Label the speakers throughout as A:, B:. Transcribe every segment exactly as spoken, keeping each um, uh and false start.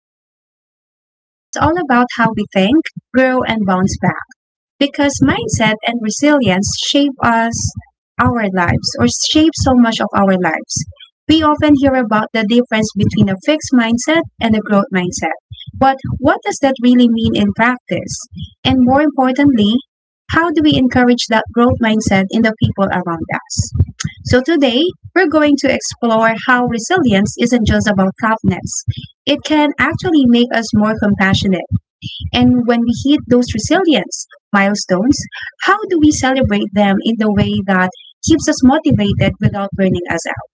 A: conversation that's all about how we think, grow, and bounce back. Because mindset and resilience shape us, our lives, or shape so much of our lives. We often hear about the difference between a fixed mindset and a growth mindset. But what does that really mean in practice? And more importantly, how do we encourage that growth mindset in the people around us? So today, we're going to explore how resilience isn't just about toughness. It can actually make us more compassionate. And when we hit those resilience milestones, how do we celebrate them in the way that keeps us motivated without burning us out?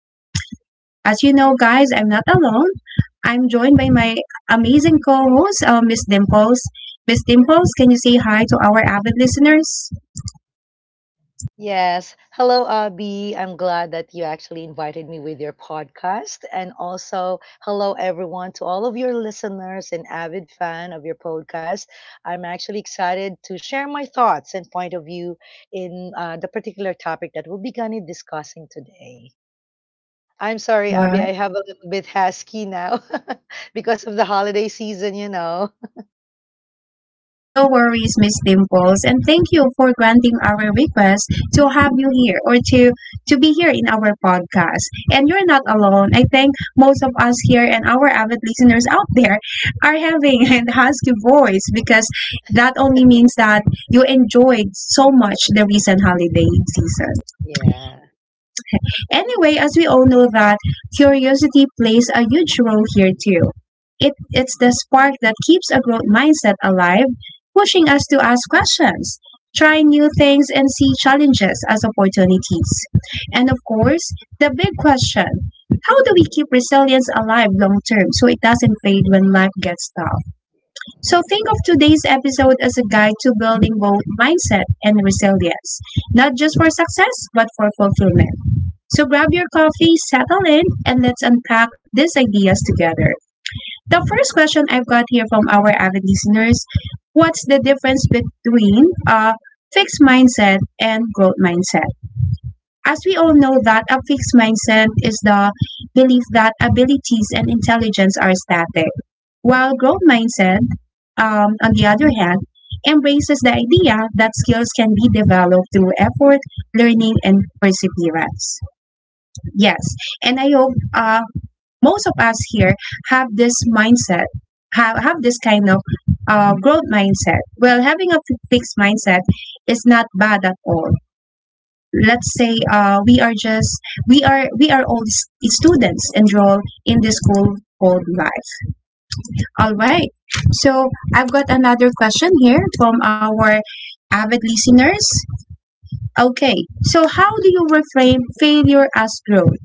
A: As you know, guys, I'm not alone. I'm joined by my amazing co-host, uh, Miss Dimples. Miss Dimples, can you say hi to our avid listeners?
B: Yes. Hello, Abby. I'm glad that you actually invited me with your podcast. And also, hello, everyone, to all of your listeners and avid fan of your podcast. I'm actually excited to share my thoughts and point of view in uh, the particular topic that we'll be going to discussing today. I'm
A: All
B: sorry, Abby,
A: right.
B: I have a little bit husky now because of the holiday season, you know.
A: No worries, Miss Dimples, and thank you for granting our request to have you here or to to be here in our podcast. And you're not
B: Mhm.
A: alone. I think most of us here and our avid listeners out there are having a husky voice because that only means that you enjoyed so much the recent holiday season.
B: Yeah.
A: Anyway, as we all know that curiosity plays a huge
B: Mm.
A: role here too. It, it's the spark that keeps a growth mindset alive, pushing us to ask questions, try new things, and see challenges as opportunities. And of course, the big question: how do we keep resilience alive long term so it doesn't fade when life gets tough? So think of today's episode as a guide to building both mindset and resilience, not just for success, but for fulfillment. So grab your coffee, settle in, and let's unpack these ideas together. The first question I've got here from our avid listeners: what's the difference between a fixed mindset and growth mindset? As we all know that a fixed mindset is the belief that abilities and intelligence are static, while growth mindset, um, on the other hand, embraces the idea that skills can be developed through effort, learning, and perseverance. Yes, and I hope uh, most of us here have this mindset, have, have this kind of uh, growth mindset. Well, having a f- fixed mindset is not bad at all. Let's say uh, we are just we are we are all s- students enrolled in this school called life. All right. So I've got another question here from our avid listeners. Okay. So how do you reframe failure as growth?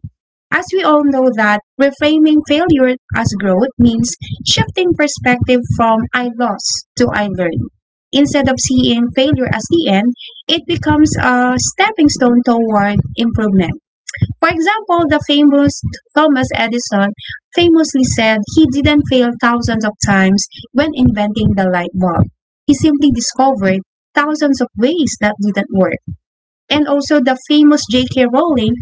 A: As we all know that reframing failure as growth means shifting perspective from "I lost" to "I learned." Instead of seeing failure as the end, it becomes a stepping stone toward improvement. For example, the famous Thomas Edison famously said he didn't fail thousands of times when inventing the light bulb. He simply discovered thousands of ways that didn't work. And also the famous J K. Rowling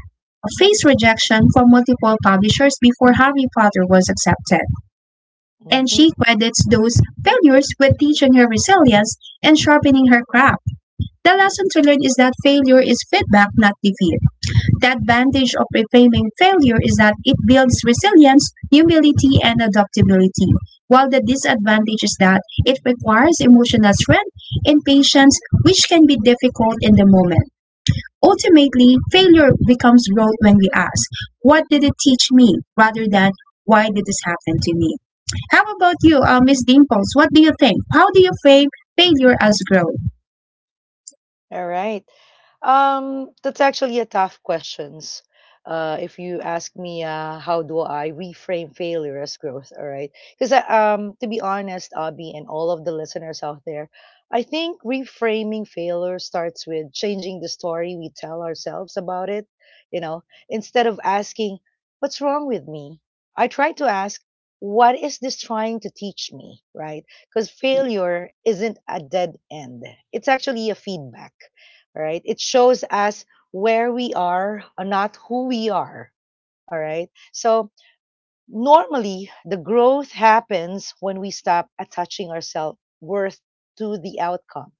A: faced rejection from multiple publishers before Harry Potter was accepted. And
B: Mhm.
A: she credits those failures with teaching her resilience and sharpening her craft. The lesson to learn is that failure is feedback, not defeat. The advantage of reframing failure is that it builds resilience, humility, and adaptability, while the disadvantage is that it requires emotional strength and patience, which can be difficult in the moment. Ultimately, failure becomes growth when we ask, "What did it teach me?" rather than "Why did this happen to me?" How about you, uh, Miss Dimples? What do you think? How do you frame failure as growth?
B: All right. Um, that's actually a tough questions. Uh, if you ask me, uh, how do I reframe failure as growth? All right, because um, to be honest, Abby and all of the listeners out there, I think reframing failure starts with changing the story we tell ourselves about it. You know, instead of asking, "What's wrong with me?" I try to ask, "What is this trying to teach me?" Right? Because failure isn't a dead end. It's actually a feedback, all right? It shows us where we are, uh, not who we are, all right? So normally, the growth happens when we stop attaching our self worth to the outcome.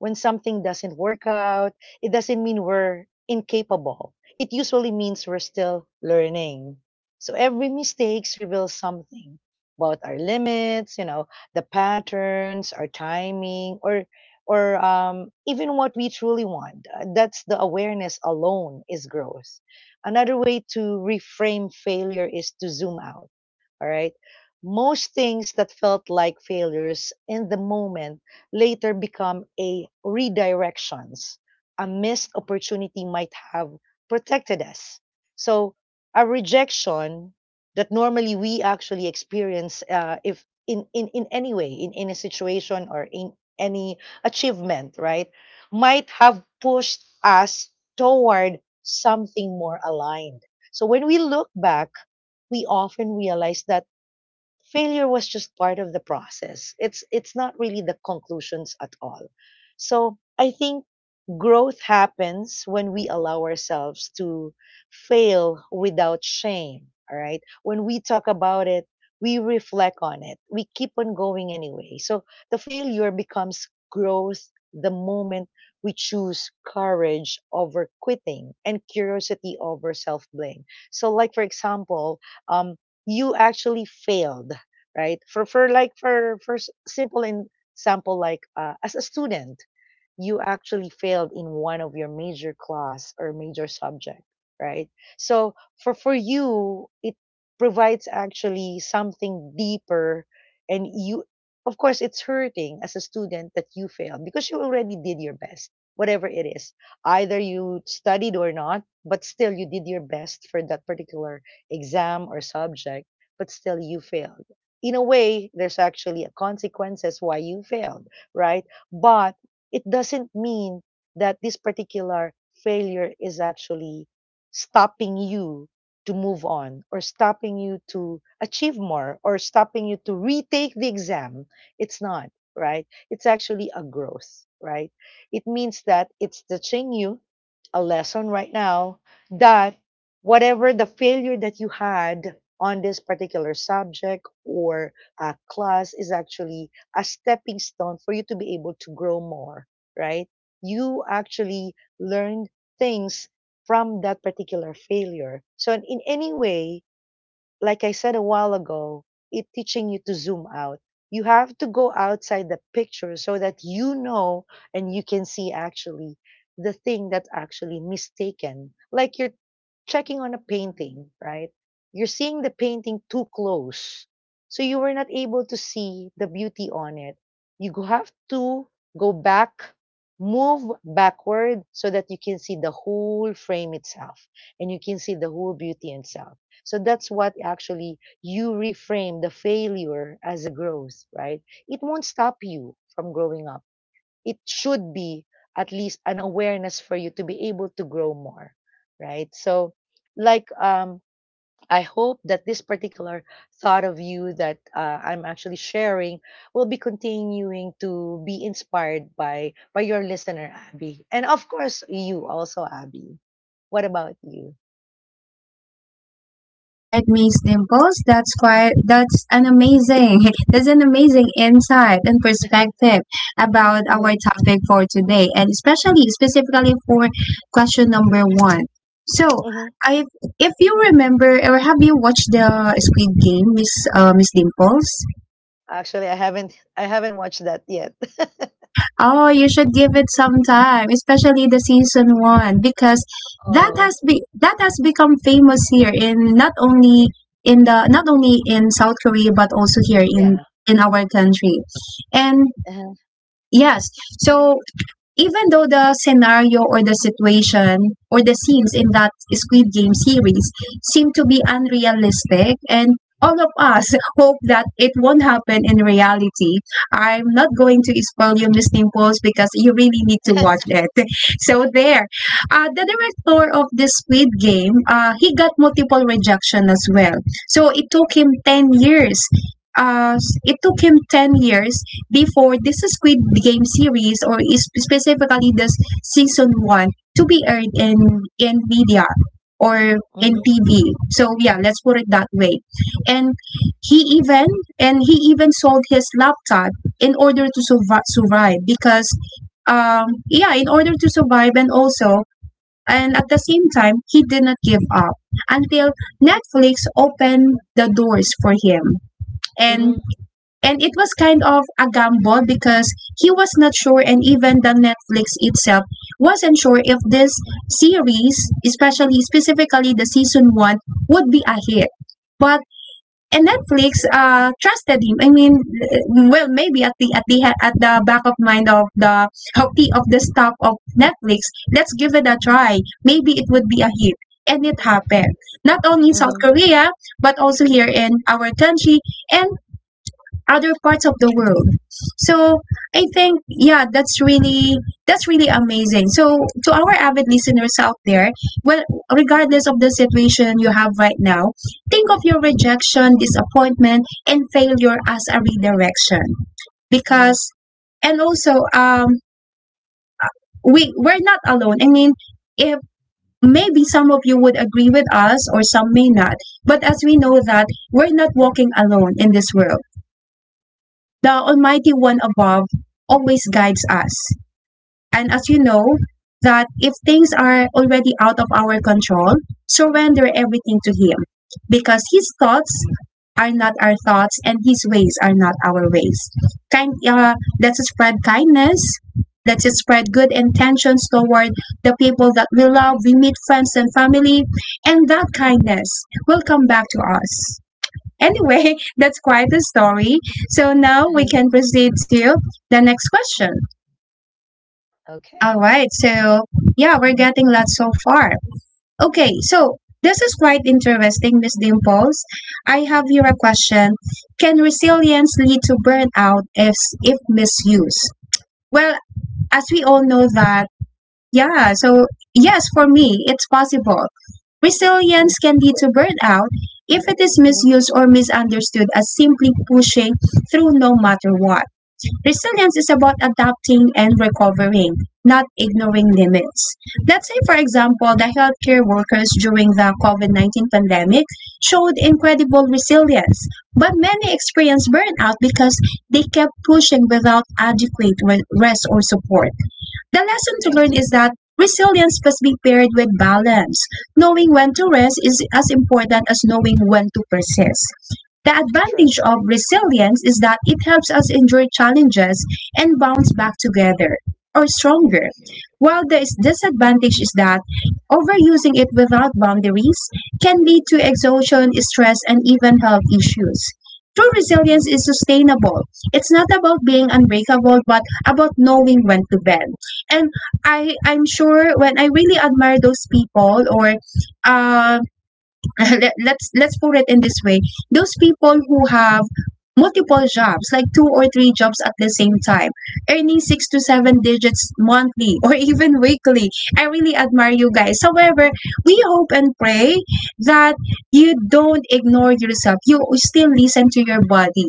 B: When something doesn't work out, it doesn't mean we're incapable. It usually means we're still learning. So every mistake reveals something about our limits, you know, the patterns, our timing, or or um, even what we truly want. Uh, That's the awareness alone is growth. Another way to reframe failure is to zoom out, all right. Most things that felt like failures in the moment later become a redirections. A missed opportunity might have protected us. So a rejection that normally we actually experience uh, if in, in, in any way, in any situation or in any achievement, right, might have pushed us toward something more aligned. So when we look back, we often realize that failure was just part of the process. It's it's not really the conclusions at all. So I think growth happens when we allow ourselves to fail without shame. All right. When we talk about it, we reflect on it. We keep on going anyway. So the failure becomes growth the moment we choose courage over quitting and curiosity over self blame. So, like, for example, um, you actually failed, right? For, for like, for, for s- Simple in- example, like uh, as a student, you actually failed in one of your major class or major subject, right? So for for you, it provides actually something deeper, and you, of course, it's hurting as a student that you failed because you already did your best, whatever it is, either you studied or not, but still you did your best for that particular exam or subject, but still you failed. In a way, there's actually a consequences why you failed, right? But it doesn't mean that this particular failure is actually stopping you to move on or stopping you to achieve more or stopping you to retake the exam. It's not, right? It's actually a growth, right? It means that it's teaching you a lesson right now that whatever the failure that you had on this particular subject or uh, class is actually a stepping stone for you to be able to grow more, right? You actually learned things from that particular failure. So in any way, like I said a while ago, it teaching you to zoom out. You have to go outside the picture so that you know, and you can see actually the thing that's actually mistaken. Like you're checking on a painting, right? You're seeing the painting too close, so you were not able to see the beauty on it. You go- have to go back, move backward so that you can see the whole frame itself and you can see the whole beauty itself. So that's what actually you reframe the failure as a growth, right? It won't stop you from growing up. It should be at least an awareness for you to be able to grow more, right? So, like, um, I hope that this particular thought of you that uh, I'm actually sharing will be continuing to be inspired by by your listener, Abby, and of course you also, Abby. What about you?
A: Right, Miss Dimples, that's quite that's an amazing that's an amazing insight and perspective about our
B: Uh-huh.
A: topic for today, and especially specifically for question number one. So
B: Mhm.
A: I if you remember, or have you watched the Squid Game, Miss uh, Miss Dimples?
B: Actually, I haven't I haven't watched that yet.
A: Oh, you should give it some time, especially the season one, because that
B: Oh.
A: has be that has become famous, here in not only in the not only in South Korea, but also here in
B: Yeah.
A: in our country. And
B: Uh-huh.
A: yes, so even though the scenario or the situation or the scenes in that Squid Game series seem to be unrealistic, and all of us hope that it won't happen in reality. I'm not going to spoil you, Miss Dimples, because you really need to watch it. So there. Uh, the director of this Squid Game, uh, he got multiple rejection as well. So it took him ten years. Uh, it took him ten years before this Squid Game series or is- specifically this season one to be aired in in media or in
B: Mhm.
A: T V. So yeah, let's put it that way. And he even and he even sold his laptop in order to survive, survive because um yeah, in order to survive. And also, and at the same time, he did not give up until Netflix opened the doors for him. And
B: Mhm.
A: and it was kind of a gamble because he was not sure, and even the Netflix itself wasn't sure if this series, especially specifically the season one, would be a hit. But and Netflix uh, trusted him. I mean, well, maybe at the at the at the back of mind of the of the of the staff of Netflix, let's give it a try. Maybe it would be a hit, and it happened. Not only in South
B: Mhm.
A: Korea, but also here in our country, and other parts of the world. So I think, yeah, that's really that's really amazing. So to our avid listeners out there, well, regardless of the situation you have right now, think of your rejection, disappointment, and failure as a redirection.
B: Mhm.
A: Because, and also, um we we're not alone. I mean, if maybe some of you would agree with us or some may not, but as we know that we're not walking alone in this world, the Almighty One above always guides us. And as you know, that if things are already out of our control, surrender everything to Him, because His thoughts are not our thoughts, and His ways are not our ways. Kind, uh, let's spread kindness. Let's spread good intentions toward the people that we love, we meet, friends and family, and that kindness will come back to us. Anyway, that's quite the story. So now we
B: Uh-huh.
A: can proceed to the next question.
B: Okay.
A: All right. So yeah, we're getting lots so far. Okay. So this is quite interesting, Miss Dimples. I have here a question. Can resilience lead to burnout if if misused? Well, as we all know that, yeah. So yes, for me, it's possible. Resilience can lead to burnout if it is
B: Mhm.
A: misused or misunderstood as simply pushing through no matter what. Resilience is about adapting and recovering, not ignoring limits. Let's say, for example, the healthcare workers during the COVID nineteen pandemic showed incredible resilience, but many experienced burnout because they kept pushing without adequate re- rest or support. The lesson to
B: Yes.
A: learn is that resilience must be paired with balance. Knowing when to rest is as important as knowing when to persist. The
B: True.
A: advantage of resilience is that it helps us endure challenges and bounce back together or
B: Mhm.
A: stronger. While the disadvantage is that overusing it without boundaries can lead to exhaustion, stress, and even health issues. True
B: Mhm.
A: resilience is sustainable. It's not about being unbreakable, but about knowing when to bend. And I I'm sure, when I really admire those people, or uh, let, let's let's put it in this way: those people who have multiple jobs, like two or three jobs at the same time, earning six to seven digits monthly or even weekly, I really admire you guys. However, we hope and pray that you don't ignore yourself, you still listen to your body.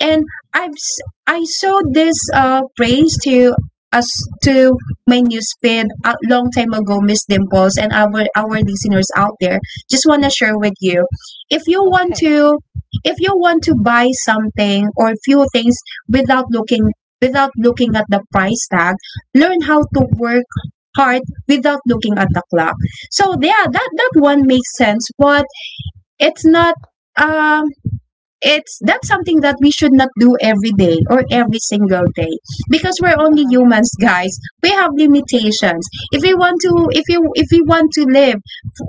A: And I've s- I saw this uh praise to us, to menu spin, a long time ago, Miss Dimples, and our our listeners out there. Just wanna share with you: if you want
B: Okay.
A: to, if you want to buy something or few things without looking without looking at the price tag, learn how to work hard without looking at the clock. So yeah, that that one makes sense, but it's not, um it's, that's something that we should not do every day or every single day, because we're only
B: Uh-huh.
A: humans, guys. We have limitations. If we want to, if you if we want to live,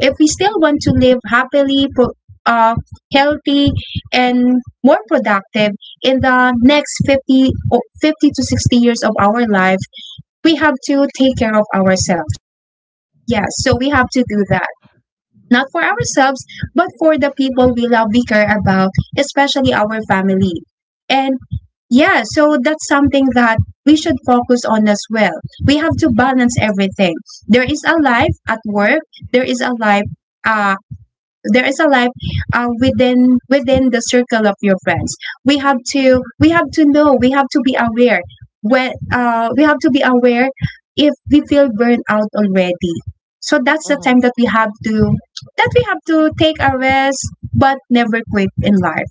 A: if we still want to live happily, pro- uh, healthy, and more productive in the next fifty or fifty to sixty years of our life, we have to take care of ourselves. Yes, yeah, so we have to do that, not for ourselves, but for the people we love, we care about, especially our family. And yeah, so that's something that we should focus on as well. We have to balance everything. There is a life at work, there is a life uh, there is a life uh, within within the circle of your friends. We have to we have to know, we have to be aware when uh, we have to be aware if we feel burned out already. So that's the
B: Mhm.
A: time that we have to that we have to take a rest, but never quit in life.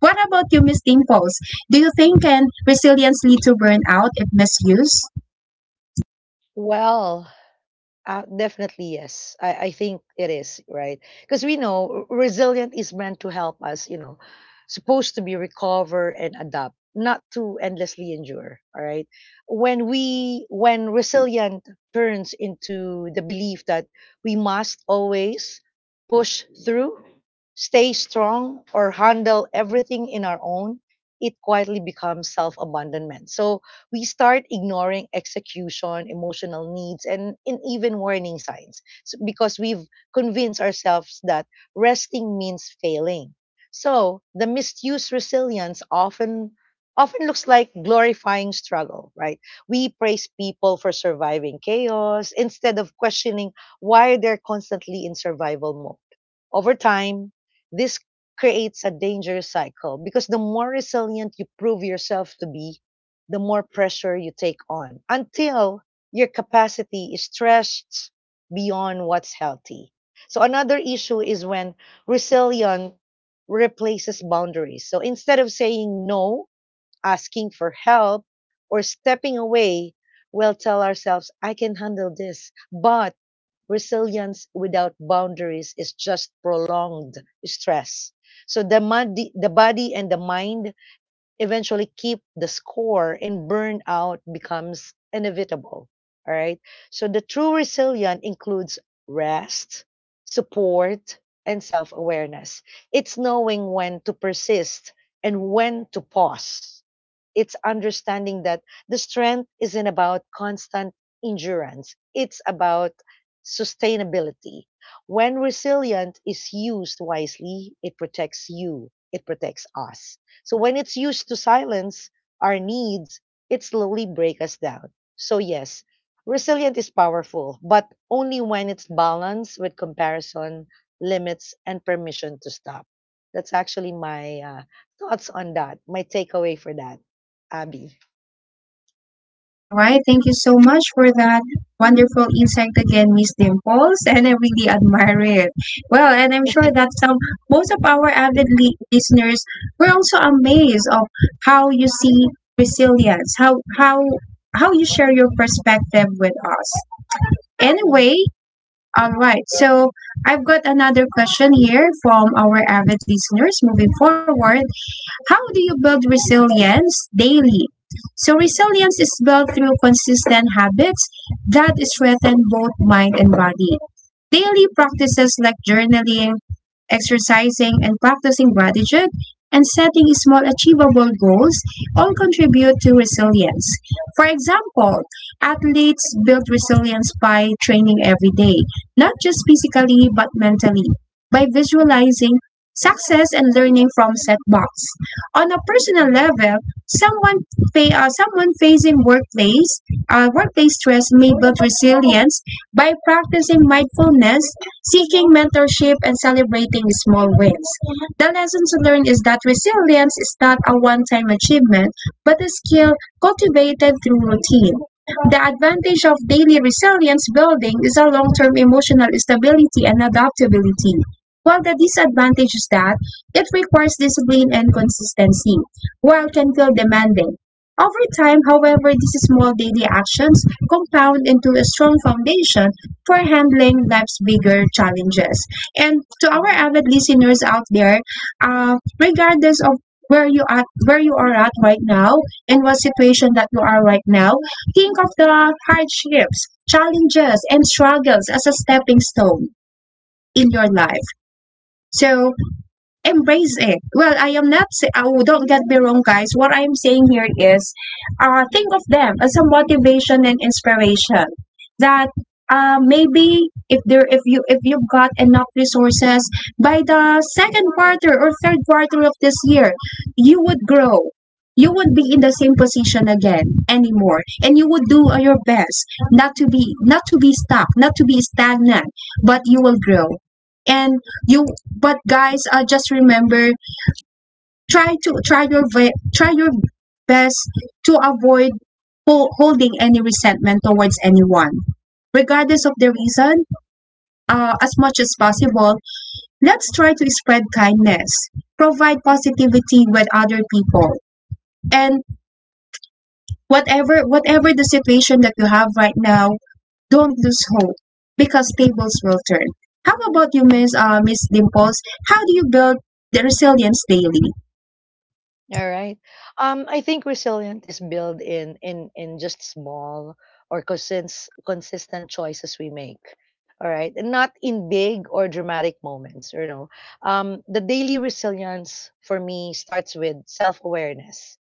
A: What about you, Miss Dimples? Do you think can resilience lead to burnout if misused?
B: Well, Uh, definitely yes. I, I think it is right because we know r- resilient is meant to help us. You know, supposed to be recover and adapt, not to endlessly endure. All right. When we when resilient turns into the belief that we must always push through, stay strong, or handle everything in our own, it quietly becomes self abandonment. So we start ignoring execution, emotional needs, and, and even warning signs s- because we've convinced ourselves that resting means failing. So the misused resilience often often looks like glorifying struggle, right? We praise people for surviving chaos instead of questioning why they're constantly in survival mode. Over time, this creates a dangerous cycle because the more resilient you prove yourself to be, the more pressure you take on until your capacity is stretched beyond what's healthy. So another issue is when resilience replaces boundaries. So instead of saying no, asking for help, or stepping away, we'll tell ourselves, I can handle this. But resilience without boundaries is just prolonged stress. So the, mod- the body and the mind eventually keep the score and burnout becomes inevitable. All right. So the true resilience includes rest, support, and self awareness. It's knowing when to persist and when to pause. It's understanding that the strength isn't about constant endurance, it's about sustainability. When resilient is used wisely, it protects you, it protects us. So when it's used to silence our needs, it slowly breaks us down. So yes, resilient is powerful, but only when it's balanced with comparison, limits, and permission to stop. That's actually my uh, thoughts on that, my takeaway for that, Abby.
A: All right, thank you so much for that wonderful insight again, Miss Dimples, and I really admire it. Well, and I'm sure that some most of our avid li- listeners were also amazed of how you see resilience, how how how you share your perspective with us.
B: Mhm,
A: Anyway, all right. So I've got another question here from our avid listeners. Moving forward, how do you build resilience daily? So resilience is built through consistent habits that strengthen both mind and body. Daily practices like journaling, exercising, and practicing gratitude and setting small achievable goals all contribute to resilience. For example, athletes build resilience by training every day, not just physically but mentally, by visualizing success and learning from setbacks on a personal
B: mhm,
A: level, someone fa- uh, someone facing workplace uh, workplace stress may build resilience by practicing mindfulness, seeking mentorship, and celebrating small wins. The lessons learned is that resilience is not a one-time achievement, but a skill cultivated through routine. The advantage of daily resilience building is a long term emotional stability and adaptability, while the disadvantage is that it requires discipline and consistency, while can feel demanding. Over time, however, these small daily actions compound into a strong foundation for handling life's bigger challenges. And to our
B: mhm.
A: avid listeners out there, uh, regardless of where you at, where you are at right now, and what situation that you are right now, think of the hardships, challenges, and struggles as a stepping stone in your life. So embrace it. Well, I am not. Say- oh, don't get me wrong, guys. What I am saying here is, uh, think of them as a motivation and inspiration. That uh, maybe if there, if you, if you've got enough resources by the second quarter or third quarter of this year, you would grow. You would be in the same position again anymore, and you would do uh, your best not to be not to be stuck, not to be stagnant, but you will grow and you but guys, uh, just remember try to try your ve- try your best to avoid hol- holding any resentment towards anyone. Regardless of the reason, uh, as much as possible, let's try to spread kindness, provide positivity with other people, and whatever whatever the situation that you have right now, don't lose hope because tables will turn. How about you, Miss uh, Miss Dimples? How do you build the resilience daily?
B: All right. Um, I think resilience is built in in in just small or consist, consistent choices we make. All right, and not in big or dramatic moments. You know, um, the daily resilience for me starts with self awareness,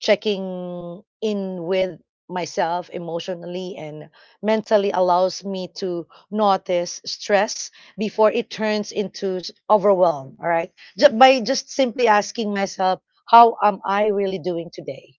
B: checking in with myself emotionally and mentally, allows me to notice stress before it turns into s- overwhelm, all right. Ju- by just simply asking myself, how am I really doing today,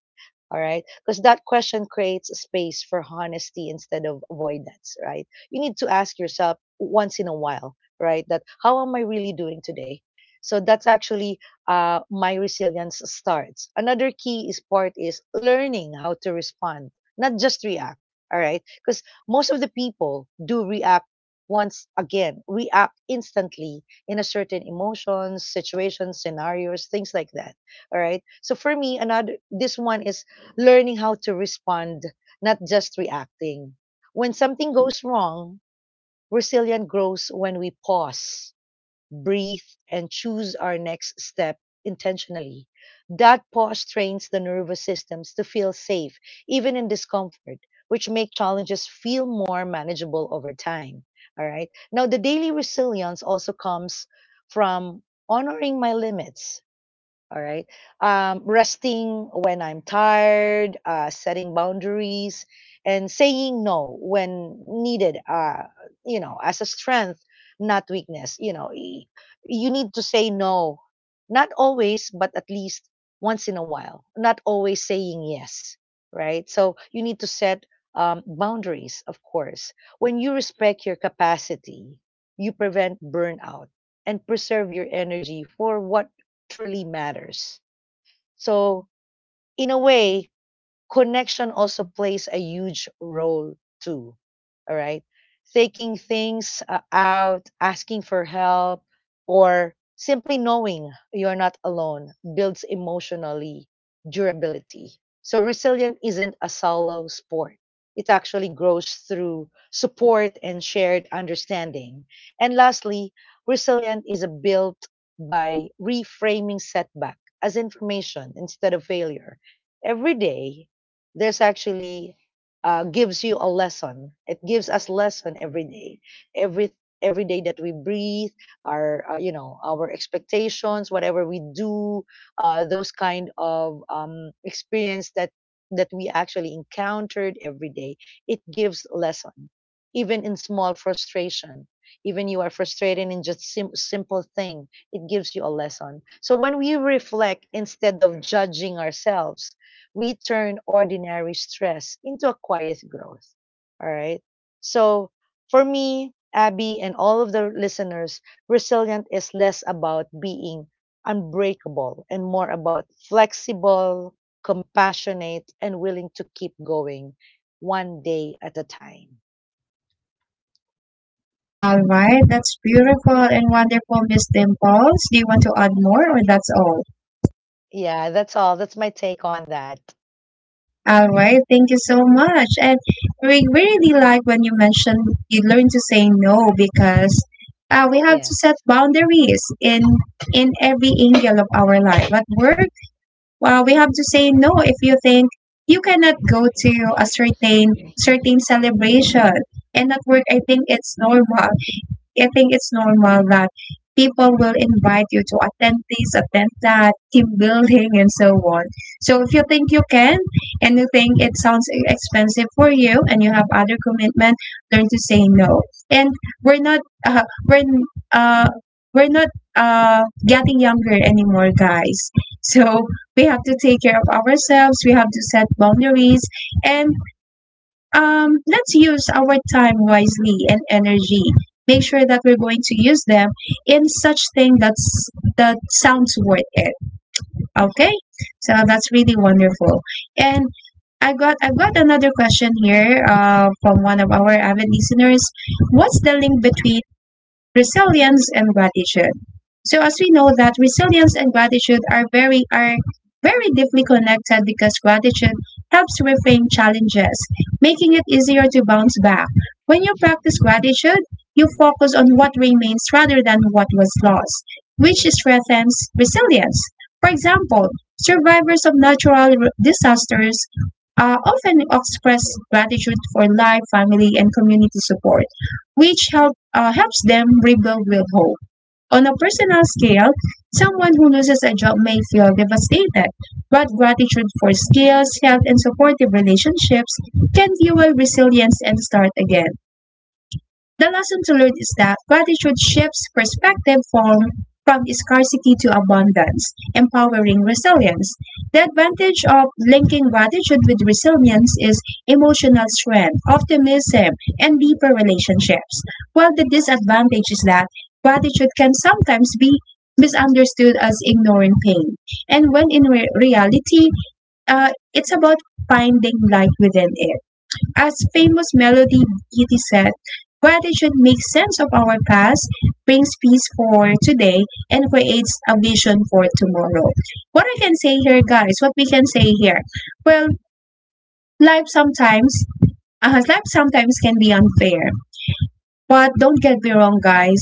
B: all right. Because that question creates a space for honesty instead of avoidance, right? You need to ask yourself once in a while, right? That how am I really doing today? So that's actually uh, my resilience starts. Another key is part is learning how to respond, not just react. All right. Because most of the people do react, once again, react instantly in a certain emotions, situations, scenarios, things like that. All right. So for me, another this one is learning how to respond, not just reacting. When something goes wrong, resilience grows when we pause, breathe, and choose our next step intentionally. That pause trains the nervous systems to feel safe, even in discomfort, which make challenges feel more manageable over time. All right. Now, the daily resilience also comes from honoring my limits, all right. Um, resting when I'm tired, uh, setting boundaries, and saying no when needed, uh, you know, as a strength, not weakness. You know, y- you need to say no, not always, but at least once in a while, not always saying yes, right? So you need to set um, boundaries, of course. When you respect your capacity, you prevent burnout and preserve your energy for what truly matters. So, in a way, connection also plays a huge role too. All right. Taking things uh, out, asking for help, or simply knowing you're not alone builds emotionally durability. So resilience isn't a solo sport. It actually grows through support and shared understanding. And lastly, resilience is a built by reframing setback as information instead of failure. Every day, there's actually uh, gives you a lesson. It gives us lesson every day, every every day that we breathe, our uh, you know, our expectations, whatever we do, uh, those kind of um, experience that that we actually encountered every day. It gives lesson, even in small frustration. Even you are frustrated in just sim- simple thing, it gives you a lesson. So when we reflect instead of judging ourselves, we turn ordinary stress into a quiet growth. All right. So for me, Abby, and all of the listeners, resilient is less about being unbreakable and more about flexible, compassionate, and willing to keep going one day at a time.
A: All right, that's beautiful and wonderful, Miss Dimples. Do you want to add more or that's all?
B: Yeah, that's all. That's my take on that.
A: All right, thank you so much. And we really like when you mentioned you learn to say no because uh, we have to set
B: Yes.
A: boundaries in in every angle of our life. At work, well, we have to say no if you think you cannot go to a certain certain celebration. And at work, I think it's normal I think it's normal that people will invite you to attend this, attend that, team building, and so on. So if you think you can and you think it sounds e-, expensive for you and you have other commitment, learn to say no. And we're not uh, we're uh, we're not uh, getting younger anymore, guys. So we have to take care of ourselves. We have to set boundaries, and um, let's use our time wisely and energy. Make sure that we're going to use them in such thing that's that sounds worth it. Okay, so that's really wonderful. And I got I've got another question here uh, from one of our avid listeners. What's the link between resilience and gratitude? So as we know that resilience and gratitude are very are very deeply connected because gratitude helps reframe challenges, making it easier to bounce back. When you practice gratitude, you focus on what remains rather than what was lost, which strengthens resilience. For example, survivors of natural r- disasters uh, often express gratitude for life, family, and community support which help, uh, helps them rebuild with hope. On a personal scale, someone who loses a job may feel devastated, but gratitude for skills, health, and supportive relationships can fuel resilience and start again. The lesson to learn is that gratitude shifts perspective from, from scarcity to abundance, empowering resilience. The advantage of linking gratitude with resilience is emotional strength, optimism, and deeper relationships, while the disadvantage is that gratitude can sometimes be misunderstood as ignoring pain. And when in re- reality, uh, it's about finding light within it. As famous Melody Beatty said, "Gratitude makes sense of our past, brings peace for today, and creates a vision for tomorrow." What I can say here, guys, what we can say here, well, life sometimes, uh, life sometimes can be unfair. But don't get me wrong, guys.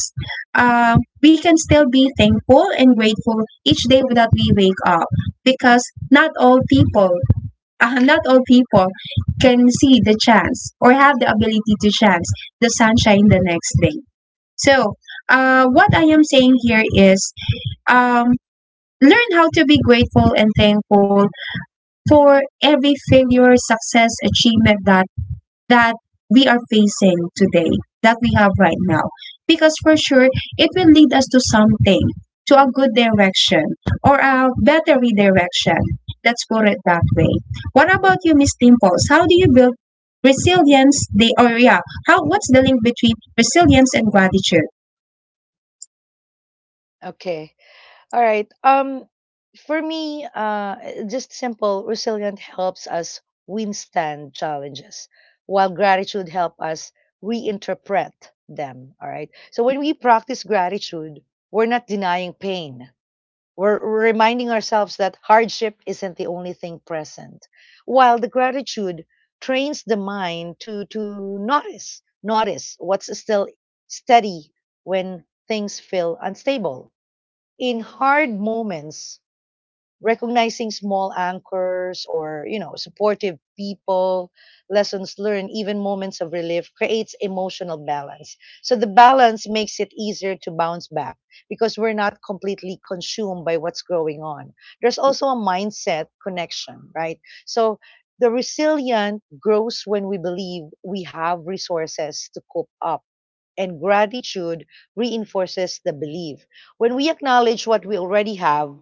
A: Uh, we can still be thankful and grateful each day that we wake up because not all people uh, not all people can see the chance or have the ability to chance the sunshine the next day. So, uh, what I am saying here is um, learn how to be grateful and thankful for every failure, success, achievement that that we are facing today, that we have right now. Because for sure, it will lead us to something, to a good direction or a better redirection. Let's put it that way. What about you, Miss Dimples? How do you build resilience? The or yeah, how What's the link between resilience and gratitude?
B: Okay. All right. Um, for me, uh, just simple resilient helps us withstand challenges, while gratitude help us reinterpret them. All right. So when we practice gratitude, we're not denying pain. We're we're reminding ourselves that hardship isn't the only thing present. While the gratitude trains the mind to to notice, notice what's still steady when things feel unstable in hard moments, recognizing small anchors or, you know, supportive people, lessons learned, even moments of relief creates emotional balance. So the balance makes it easier to bounce back because we're not completely consumed by what's going on. There's also a mindset connection, right? So the resilient grows when we believe we have resources to cope up, and gratitude reinforces the belief. When we acknowledge what we already have,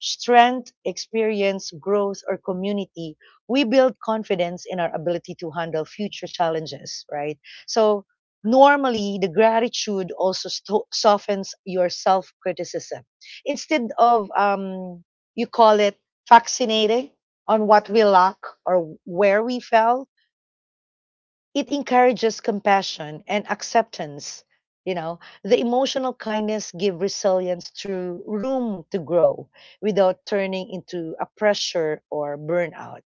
B: strength, experience, growth, or community, we build confidence in our ability to handle future challenges, right? So, normally, the gratitude also sto- softens your self criticism. Instead of, um, you call it, vaccinating on what we lack or where we fell, it encourages compassion and acceptance. You know, the emotional kindness give resilience through room to grow without turning into a pressure or burnout.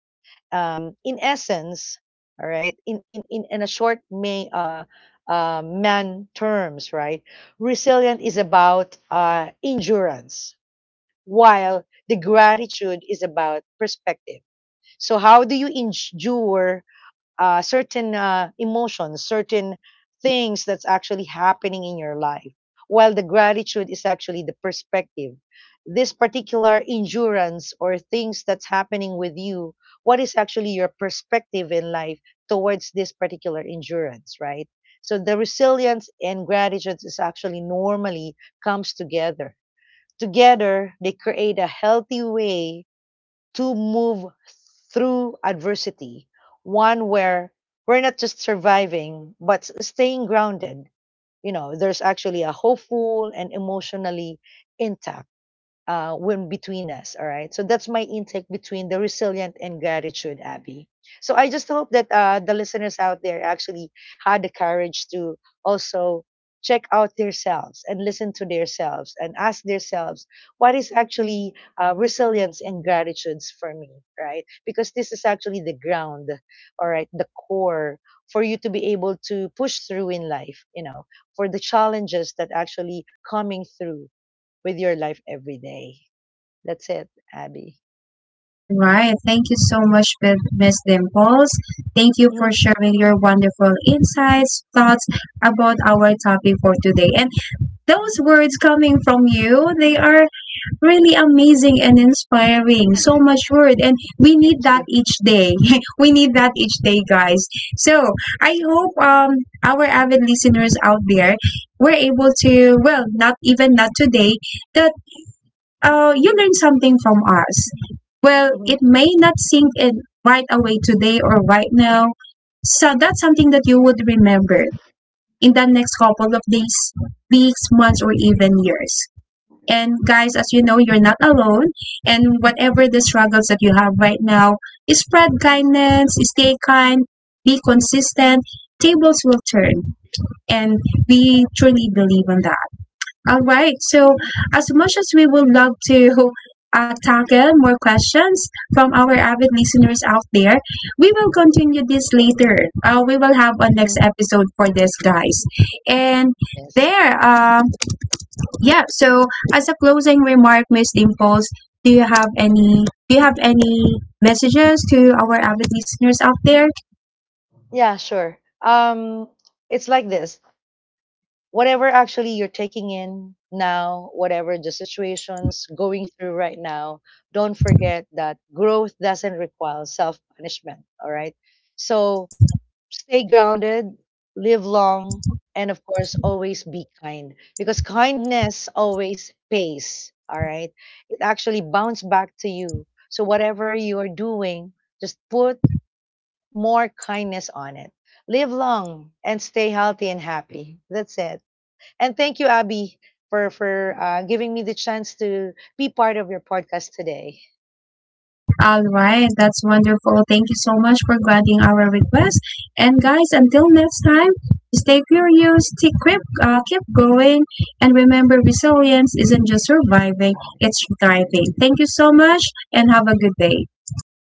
B: um, In essence, all right, in in in, in a short may uh, uh, man terms, right, resilient is about uh, endurance, while the gratitude is about perspective. So how do you endure uh, certain uh, emotions, certain things that's actually happening in your life. While the gratitude is actually the perspective. This particular endurance or things that's happening with you, what is actually your perspective in life towards this particular endurance, right? So the resilience and gratitude is actually normally comes together. Together, they create a healthy way to move through adversity, one where we're not just surviving, but staying grounded. You know, there's actually a hopeful and emotionally intact uh, when between us. All right. So that's my intake between the resilient and gratitude, Abby. So I just hope that uh, the listeners out there actually had the courage to also check out themselves and listen to themselves and ask themselves what is actually uh, resilience and gratitudes for me, right? Because this is actually the ground, all right, the core for you to be able to push through in life, you know, for the challenges that actually coming through with your life every day. That's it, Abby.
A: All right. Thank you so much, Miss Dimples. Thank you
B: Mhm.
A: for sharing your wonderful insights, thoughts about our topic for today. And those words coming from you they are really amazing and inspiring so much word and we need
B: Thank
A: that
B: you.
A: each day we need that each day, guys. So I hope um our avid listeners out there were able to, well, not even not today, that uh you learned something from us. Well, it
B: Mhm.
A: may not sink in right away today or right now, so that's something that you would remember in the next couple of days, weeks, months, or even years. And guys, as you know, you're not alone. And whatever the struggles that you have right now, spread kindness, stay kind, be consistent. Tables will turn. And we truly believe in that. All right. So, as much as we would love to uh, tackle more questions from our avid listeners out there, we will continue this later. Uh, we will have a next
B: Mhm.
A: episode for this, guys. And
B: Yes.
A: there, um, yeah, so as a closing remark, Miss Dimples, do you have any do you have any messages to our avid listeners out there?
B: Yeah, sure. Um, it's like this. Whatever actually you're taking in now, whatever the situation's going through right now, don't forget that growth doesn't require self punishment. All right. So stay grounded, live long, and of course, always be kind because kindness always pays. All right. It actually bounces back to you. So, whatever you are doing, just put more kindness on it. Live long and stay healthy and happy. That's it. And thank you, Abby, for, for uh, giving me the chance to be part of your podcast today.
A: All right, that's wonderful. Thank you so much for granting our request. And guys, until next time, stay curious, keep, keep, uh, keep going, and remember, resilience isn't just surviving, it's thriving. Thank you so much, and have a good day.